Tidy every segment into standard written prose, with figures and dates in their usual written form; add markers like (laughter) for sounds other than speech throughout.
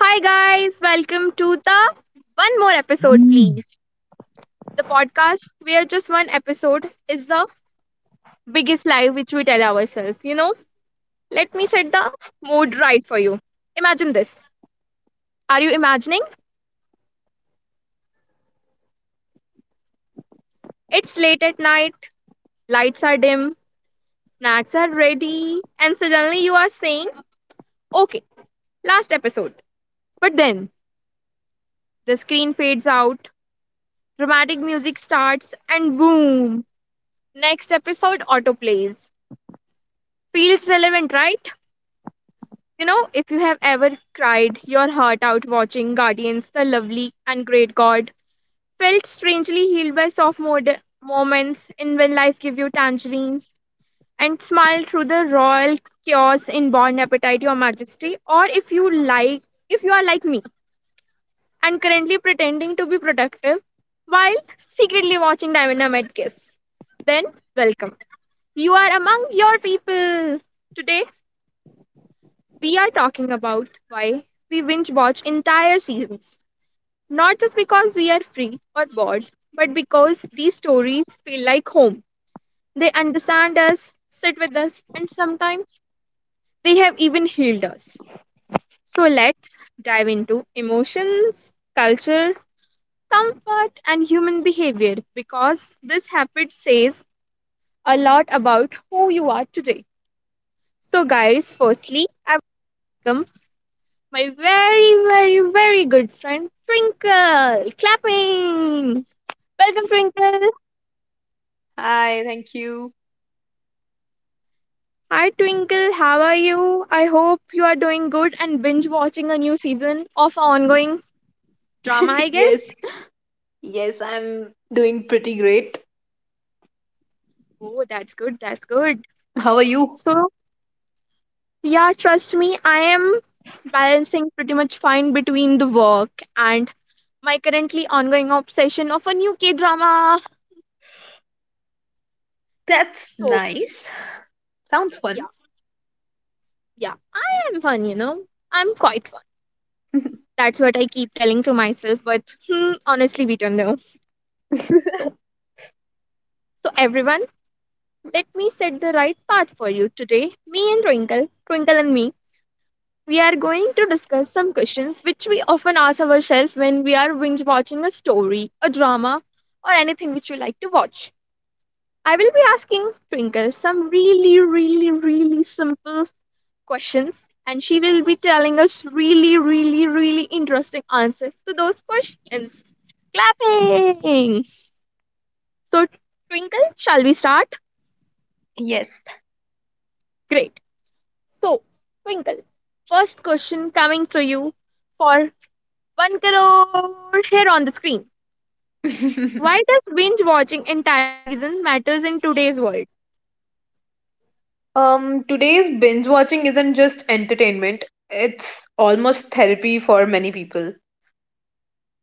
Hi, guys, welcome to the one more episode, Mm. please. The podcast where just one episode is the biggest lie which we tell ourselves. You know, let me set the mood right for you. Imagine this. Are you imagining? It's late at night, lights are dim, snacks are ready, and suddenly you are saying, okay, last episode. But then the screen fades out, dramatic music starts, and boom, next episode auto plays. Feels relevant, right? You know, if you have ever cried your heart out watching Guardians, the Lovely and Great God, felt strangely healed by moments in When Life give you Tangerines, and smiled through the royal chaos in Born Appetite, Your Majesty, or if you like, if you are like me and currently pretending to be productive while secretly watching Diamond Kiss, then welcome. You are among your people today. We are talking about why we binge watch entire seasons, not just because we are free or bored, but because these stories feel like home. They understand us, sit with us, and sometimes they have even healed us. So let's dive into emotions, culture, comfort, and human behavior because this habit says a lot about who you are today. So, guys, firstly, I welcome my very, very, very good friend Twinkle. Clapping! Welcome, Twinkle. Hi, thank you. Hi, Twinkle. How are you? I hope you are doing good and binge watching a new season of ongoing drama, I (laughs) guess. Yes, yes, I'm doing pretty great. Oh, that's good. That's good. How are you? So, yeah, trust me, I am balancing pretty much fine between the work and my currently ongoing obsession of a new K drama. That's So, nice. Sounds yeah, fun. yeah, I am fun, you know. I'm quite fun. That's what I keep telling to myself, but honestly, we don't know. So, so everyone, let me set the right path for you today. Me and Twinkle, Twinkle and me, we are going to discuss some questions which we often ask ourselves when we are binge watching a story, a drama, or anything which you like to watch. I will be asking Twinkle some really, really, really simple questions and she will be telling us really, really, really interesting answers to those questions. Clapping! So, Twinkle, shall we start? Yes. Great. So, Twinkle, first question coming to you for 1 crore here on the screen. (laughs) Why does binge watching entire season matters in today's world? Today's binge watching isn't just entertainment, it's almost therapy for many people.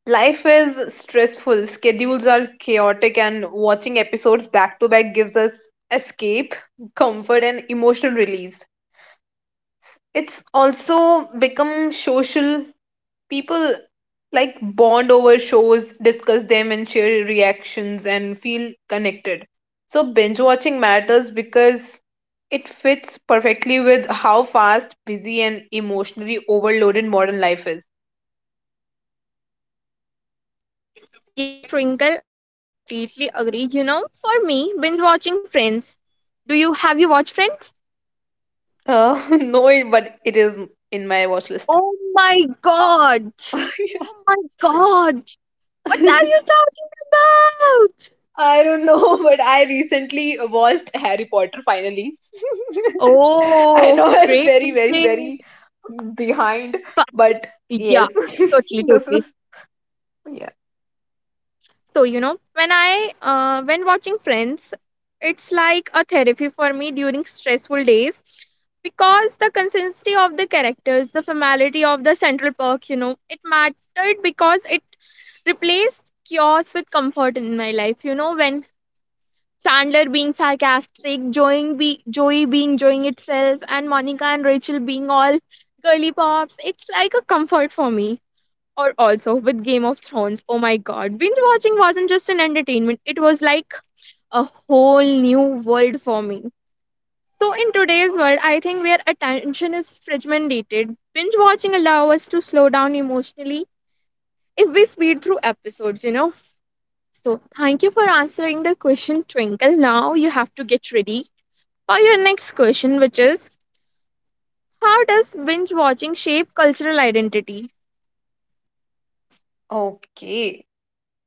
Life is stressful, schedules are chaotic, and watching episodes back to back gives us escape, comfort, and emotional release. It's also become social people like bond over shows, discuss them, and share reactions and feel connected. So, binge watching matters because it fits perfectly with how fast, busy, and emotionally overloaded modern life is. Yes, Twinkle, I can completely agree. You know, for me, binge watching Friends. Do you have you watched Friends? (laughs) No, but it is in my watch list. Oh my god! (laughs) Oh my god! What are Yeah. you talking about? I don't know, (laughs) but I recently watched Harry Potter finally. (laughs) I Oh, know I'm great, very, great, very, great. very behind, But, but yeah, yes, totally, (laughs) this totally. is Yeah. So, you know, when watching Friends, it's like a therapy for me during stressful days because the consistency of the characters, the familiarity of the Central Perk, you know, it mattered because it replaced chaos with comfort in my life. You know, when Chandler being sarcastic, Joey being enjoying itself, and Monica and Rachel being all girly pops. It's like a comfort for me. Or also with Game of Thrones. Oh my god. Binge watching wasn't just an entertainment, it was like a whole new world for me. So, in today's world, I think where attention is fragmented, binge watching allows us to slow down emotionally if we speed through episodes, you know. So, thank you for answering the question, Twinkle. Now you have to get ready or your next question, which is how does binge watching shape cultural identity? Okay.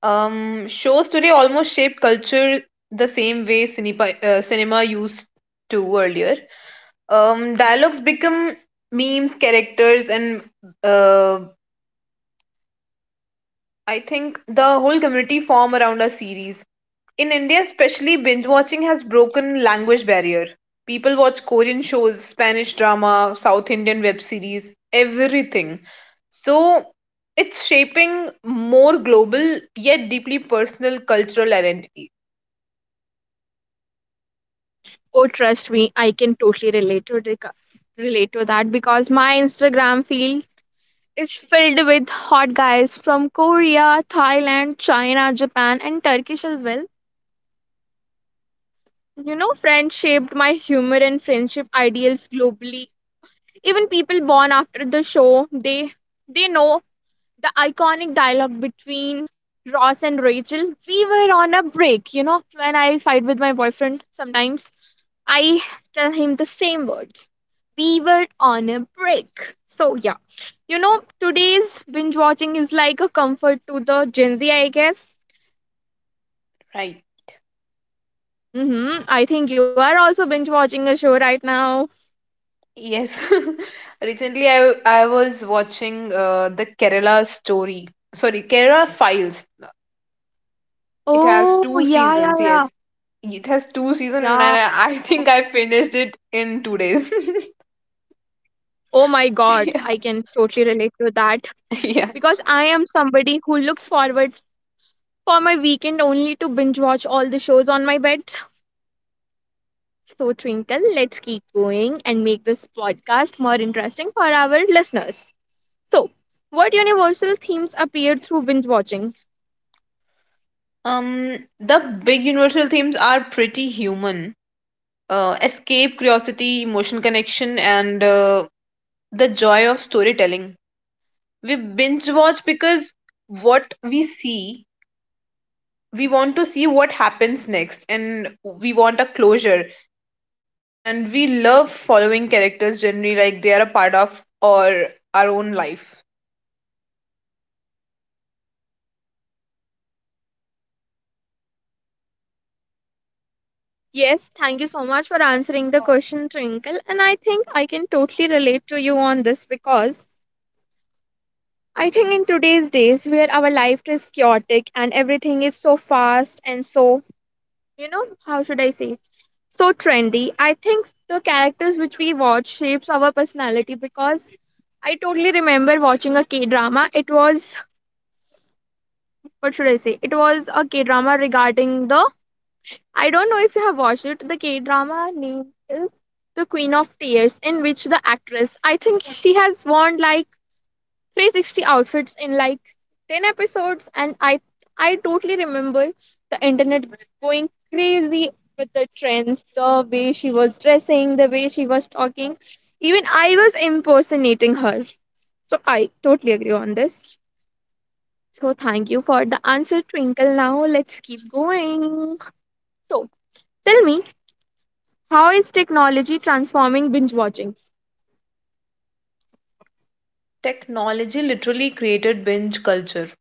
Shows today almost shape culture the same way cinema used to earlier. Dialogues become memes, characters, and uh, I think the whole community form around a series. In India, especially, binge watching has broken language barrier. People watch Korean shows, Spanish drama, South Indian web series, everything. So it's shaping more global yet deeply personal cultural identity, Oh, trust me, I can totally relate relate to that because my Instagram feed is filled with hot guys from Korea, Thailand, China, Japan, and Turkish as well. You know, Friends shaped my humor and friendship ideals globally. Even people born after the show, they know the iconic dialogue between Ross and Rachel. We were on a break, you know, when I fight with my boyfriend sometimes, I tell him the same words. We were on a break. So, yeah, you know, today's binge watching is like a comfort to the Gen Z, I guess. right? Mm-hmm. I think you are also binge watching a show right now. Yes. (laughs) Recently, I was watching the Kerala story. Sorry, Kerala Files. It has Oh, two yeah, yeah, seasons. yeah. Yes, it has two seasons, and Yeah. I think I finished it in 2 days. Oh my God, I (laughs) can totally relate to that (laughs) Yeah. because I am somebody who looks forward for my weekend only to binge watch all the shows on my bed. So, Twinkle, let's keep going and make this podcast more interesting for our listeners. So, what universal themes appeared through binge watching? The big universal themes are pretty human. Escape, curiosity, emotional connection, and the joy of storytelling. We binge watch because what we see, we want to see what happens next, and we want a closure. And we love following characters generally like they are a part of or our own life. Yes, thank you so much for answering the question, Twinkle. And I think I can totally relate to you on this because I think in today's days where our life is chaotic and everything is so fast and so, you know, how should I say? So trendy. I think the characters which we watch shapes our personality because I totally remember watching a K drama. It was what should I say? It was a K drama regarding the I don't know if you have watched it. The K drama name is The Queen of Tears, in which the actress I think she has won like 360 outfits in like 10 episodes, and I totally remember the internet going crazy with the trends, the way she was dressing, the way she was talking, even I was impersonating her. So I totally agree on this. So thank you for the answer, Twinkle. Now let's keep going. So tell me, how is technology transforming binge watching? Technology literally created binge culture.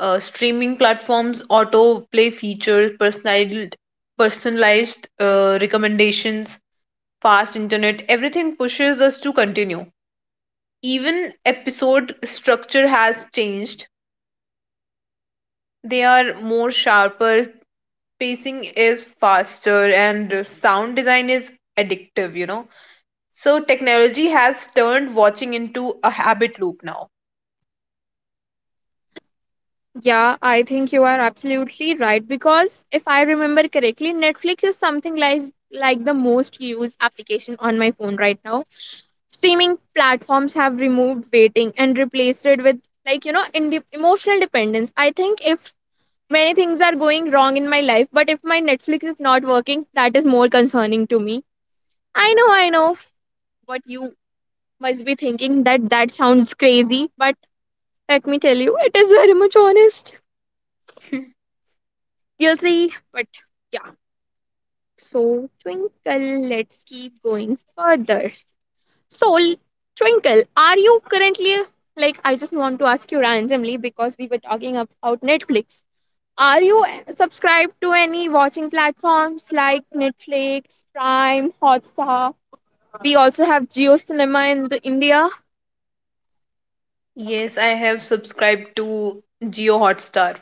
Streaming platforms autoplay features, personalized recommendations, fast internet, everything pushes us to continue. Even episode structure has changed. They are more sharper, pacing is faster, and sound design is addictive, you know. So technology has turned watching into a habit loop now. Yeah, I think you are absolutely right because if I remember correctly, Netflix is something like the most used application on my phone right now. Streaming platforms have removed waiting and replaced it with like you know in emotional dependence. I think if many things are going wrong in my life, but if my Netflix is not working, that is more concerning to me. I know what you must be thinking, that sounds crazy, but let me tell you, it is very much honest. (laughs) Guilty, but yeah. So, Twinkle, let's keep going further. So, Twinkle, are you currently like I just want to ask you randomly because we were talking about Netflix. Are you subscribed to any watching platforms like Netflix, Prime, Hotstar? We also have Geo Cinema in the India. Yes, I have subscribed to Geo Hotstar.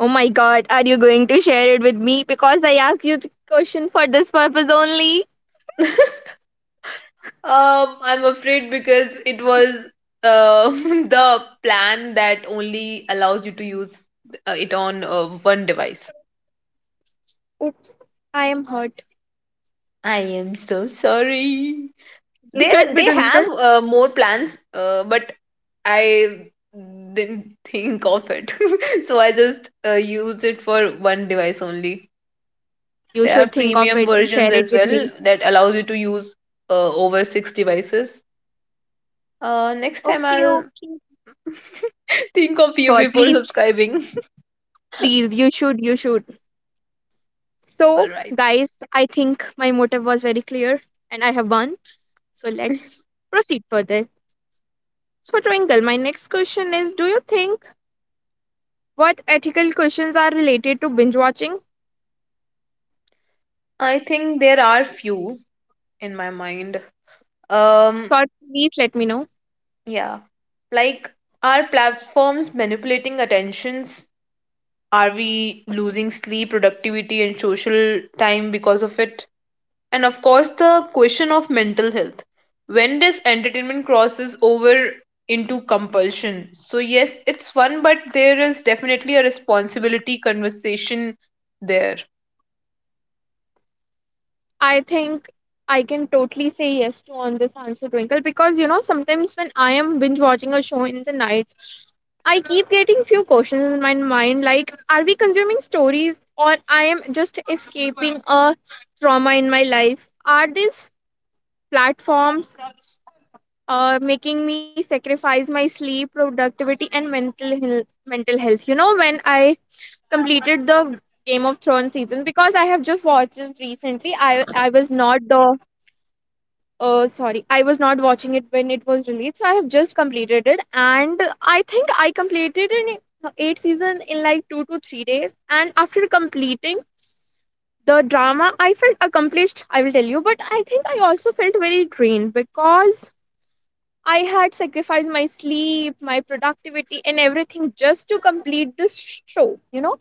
Oh my god, are you going to share it with me because I asked you the question for this purpose only? (laughs) I'm afraid because it was (laughs) the plan that only allows you to use it on one device. Oops, I am hurt. I am so sorry. They You should they be doing. have more plans, but I didn't think of it, (laughs) so I just used it for one device only. You There are should think of premium it and versions share it as with well me. that allows you to use over six devices. Next time Okay, I'll okay. (laughs) think of you Sure, before please, subscribing. please. You should, you should. (laughs) All So, right. guys, I think my motive was very clear and I have won. So, let's proceed further. So, Twinkle, my next question is, do you think what ethical questions are related to binge watching? I think there are few in my mind. Um, Sure, please let me know. yeah, like are platforms manipulating attentions? Are we losing sleep, productivity, and social time because of it? And of course, the question of mental health. When does entertainment crosses over into compulsion? So yes, it's fun, but there is definitely a responsibility conversation there. I think I can totally say yes to on this answer, Twinkle, because you know, sometimes when I am binge watching a show in the night, I keep getting few questions in my mind like are we consuming stories or I am just escaping a trauma in my life, are these platforms making me sacrifice my sleep, productivity, and mental health, mental health, you know, when I completed the Game of Thrones season because I have just watched it recently, I was not the sorry, I was not watching it when it was released, so I have just completed it, and I think I completed an eight season in like 2 to 3 days, and after completing the drama, I felt accomplished, I will tell you, but I think I also felt very drained because I had sacrificed my sleep, my productivity, and everything just to complete this show. You know,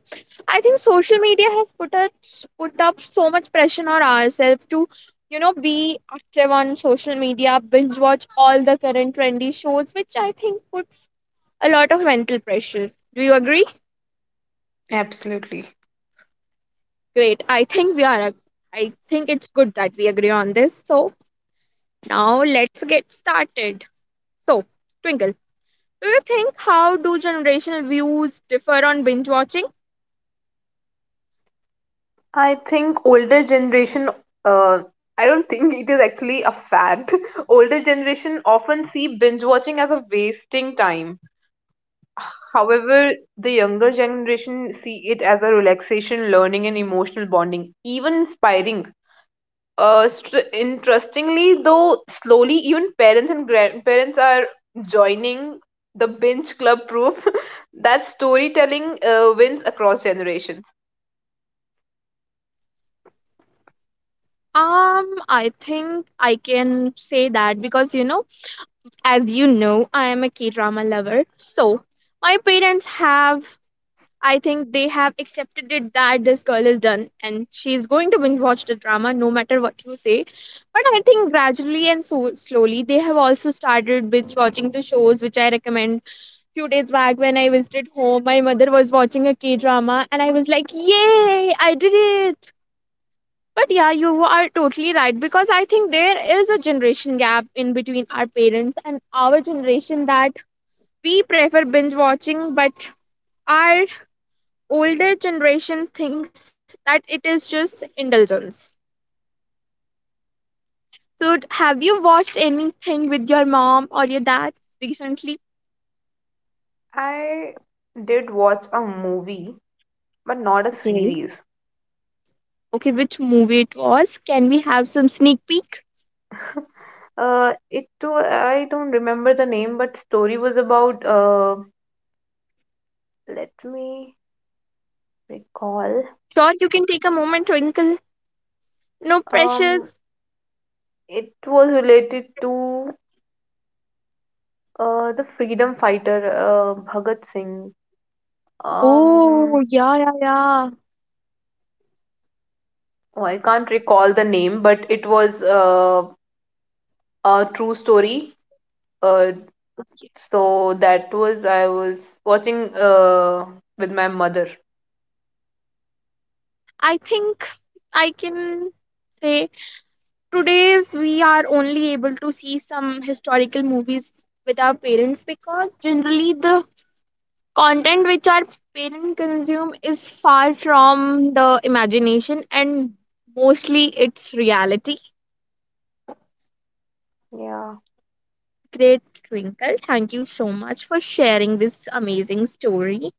I think social media has put up so much pressure on ourselves to, you know, be active on social media, binge watch all the current trendy shows, which I think puts a lot of mental pressure. Do you agree? Absolutely. Great. I think we are. I think it's good that we agree on this. So now let's get started. So, Twinkle. Do you think how do generational views differ on binge watching? I think older generation, uh, I don't think it is actually a fact. (laughs) Older generation often see binge watching as a wasting time. However, the younger generation see it as a relaxation, learning, and emotional bonding, even inspiring. Interestingly, though, slowly even parents and grandparents are joining the binge club proof (laughs) that storytelling wins across generations. I think I can say that because you know, as you know, I am a K drama lover. So my parents have, I think they have accepted it that this girl is done and she's going to binge watch the drama no matter what you say. But I think gradually and so slowly they have also started binge watching the shows which I recommend. Few days back when I visited home, my mother was watching a K drama and I was like, yay, I did it. But yeah, you are totally right because I think there is a generation gap in between our parents and our generation that we prefer binge watching, but our older generation thinks that it is just indulgence. So, have you watched anything with your mom or your dad recently? I did watch a movie but not a Okay. series. Okay, which movie it was? Can we have some sneak peek? (laughs) It too, I don't remember the name, but story was about, let me recall. Sure, you can take a moment, Twinkle. No Um, pressures. it was related to the freedom fighter Bhagat Singh. Um, Oh, yeah, yeah, yeah. oh, I can't recall the name, but it was a true story. Uh, so that was I was watching with my mother. I think I can say today's we are only able to see some historical movies with our parents because generally the content which our parents consume is far from the imagination and mostly it's reality. Yeah. Great Twinkle, thank you so much for sharing this amazing story.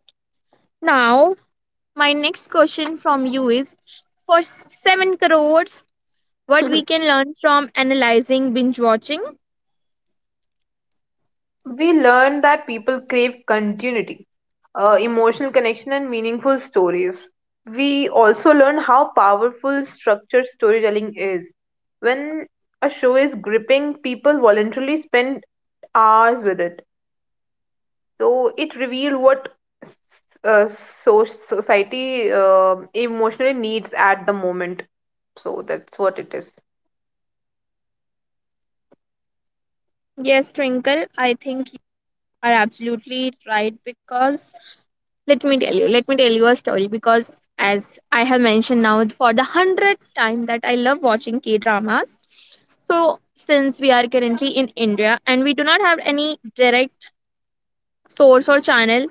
Now my next question from you is for 7 crores, what we (laughs) can learn from analyzing binge watching? We learned that people crave continuity emotional connection, and meaningful stories. We also learn how powerful structured storytelling is. When a show is gripping, people voluntarily spend hours with it. So it reveals what s- uh, so society emotionally needs at the moment. So that's what it is. Yes, Twinkle, I think you are absolutely right because let me tell you a story because as I have mentioned now for the 100th time that I love watching K dramas. So, since we are currently in India and we do not have any direct source or channel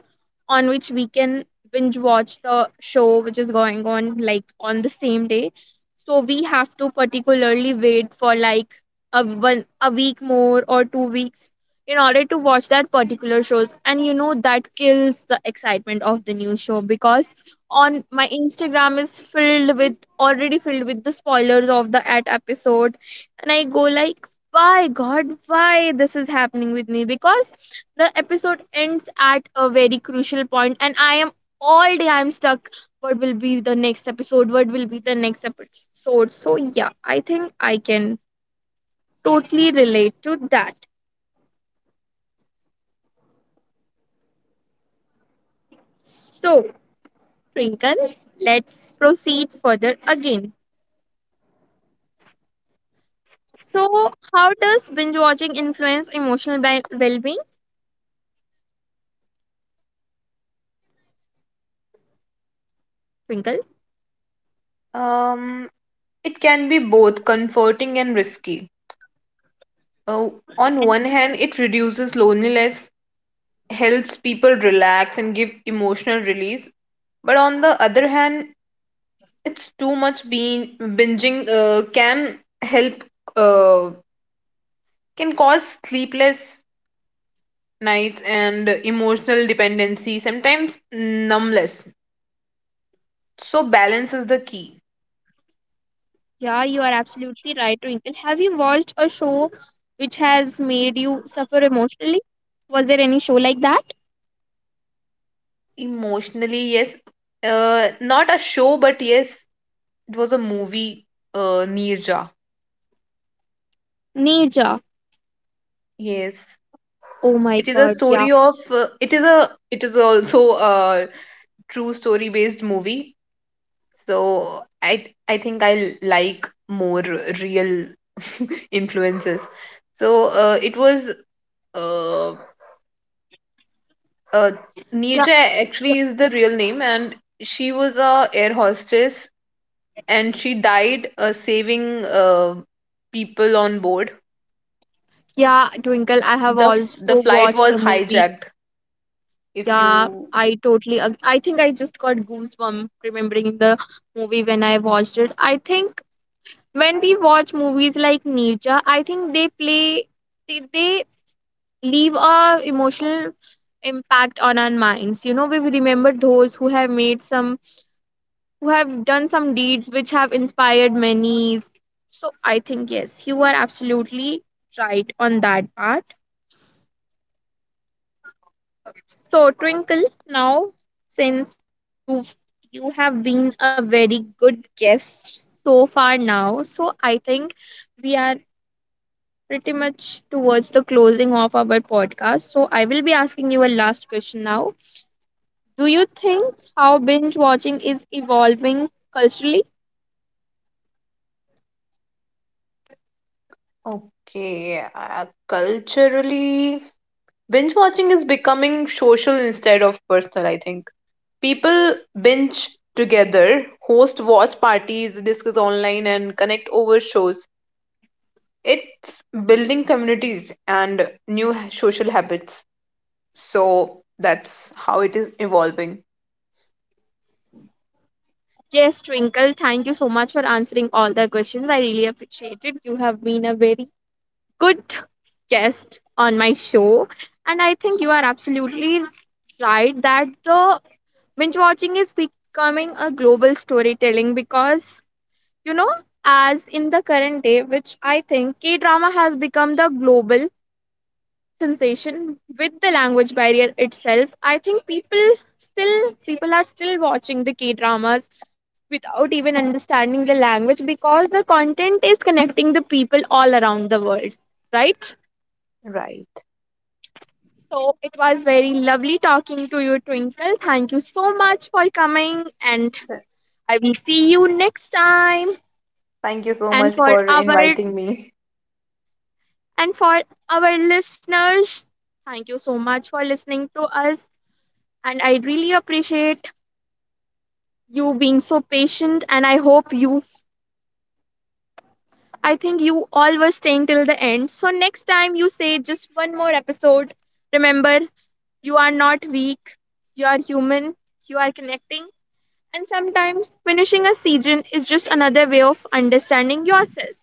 on which we can binge watch the show which is going on like on the same day, so we have to particularly wait for like a one a week more or 2 weeks in order to watch that particular shows, and you know that kills the excitement of the new show because on my Instagram is filled with already filled with the spoilers of the at episode, and I go like, why God, why this is happening with me, because the episode ends at a very crucial point and I am all day I'm stuck, what will be the next episode, what will be the next episode. So yeah, I think I can totally relate to that. So Twinkle, let's proceed further again. So how does binge watching influence emotional well-being, Twinkle? Um, it can be both comforting and risky. Uh, on one hand, it reduces loneliness helps people relax and give emotional release. But on the other hand, it's too much being binging uh, can cause sleepless nights and emotional dependency, sometimes numbness. So balance is the key. Yeah, you are absolutely right, Twinkle. Have you watched a show which has made you suffer emotionally? Was there any show like that? Emotionally, yes, not a show, but yes, it was a movie, Neerja. Neja. Yes, Oh my it is a God, yeah. story of it is also a true story based movie. So I think I like more real (laughs) influences. So it was uh, uh, Yeah, Neerja yeah, actually is the real name, and she was a air hostess, and she died saving people on board. yeah, Twinkle, I have The also flight watched was the movie. hijacked. If Yeah, you I think I just got goosebumps remembering the movie when I watched it. I think when we watch movies like Ninja, I think they leave a emotional impact on our minds. You know, we remember those who have made some who have done some deeds which have inspired many. So I think yes, you are absolutely right on that part. So, Twinkle, now since you you have been a very good guest so far now, so I think we are pretty much towards the closing of our podcast. So, I will be asking you a last question now. Do you think how binge watching is evolving culturally? okay, culturally binge watching is becoming social instead of personal. I think. People binge together, host watch parties, discuss online, and connect over shows. It's building communities and social habits. So that's how it is evolving. Yes, Twinkle, thank you so much for answering all the questions. I really appreciate it. You have been a very good guest on my show. And I think you are absolutely right that the binge watching is becoming a global storytelling because, you know, as in the current day, which I think K drama has become the global sensation with the language barrier itself. I think people are still watching the K dramas without even understanding the language because the content is connecting the people all around the world, right? Right. So it was very lovely talking to you, Twinkle. Thank you so much for coming, and Th- I will see you next time. Thank you so much And for for our inviting me. and for our listeners, thank you so much for listening to us. And I really appreciate you being so patient. And I think you all were staying till the end. So next time you say just one more episode. Remember, you are not weak. You are human. You are connecting. And sometimes finishing a season is just another way of understanding yourself.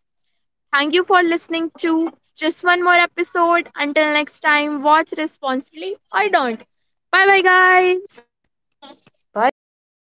Thank you for listening to just one more episode. Until next time, watch responsibly or don't. Bye bye, guys. Bye bye.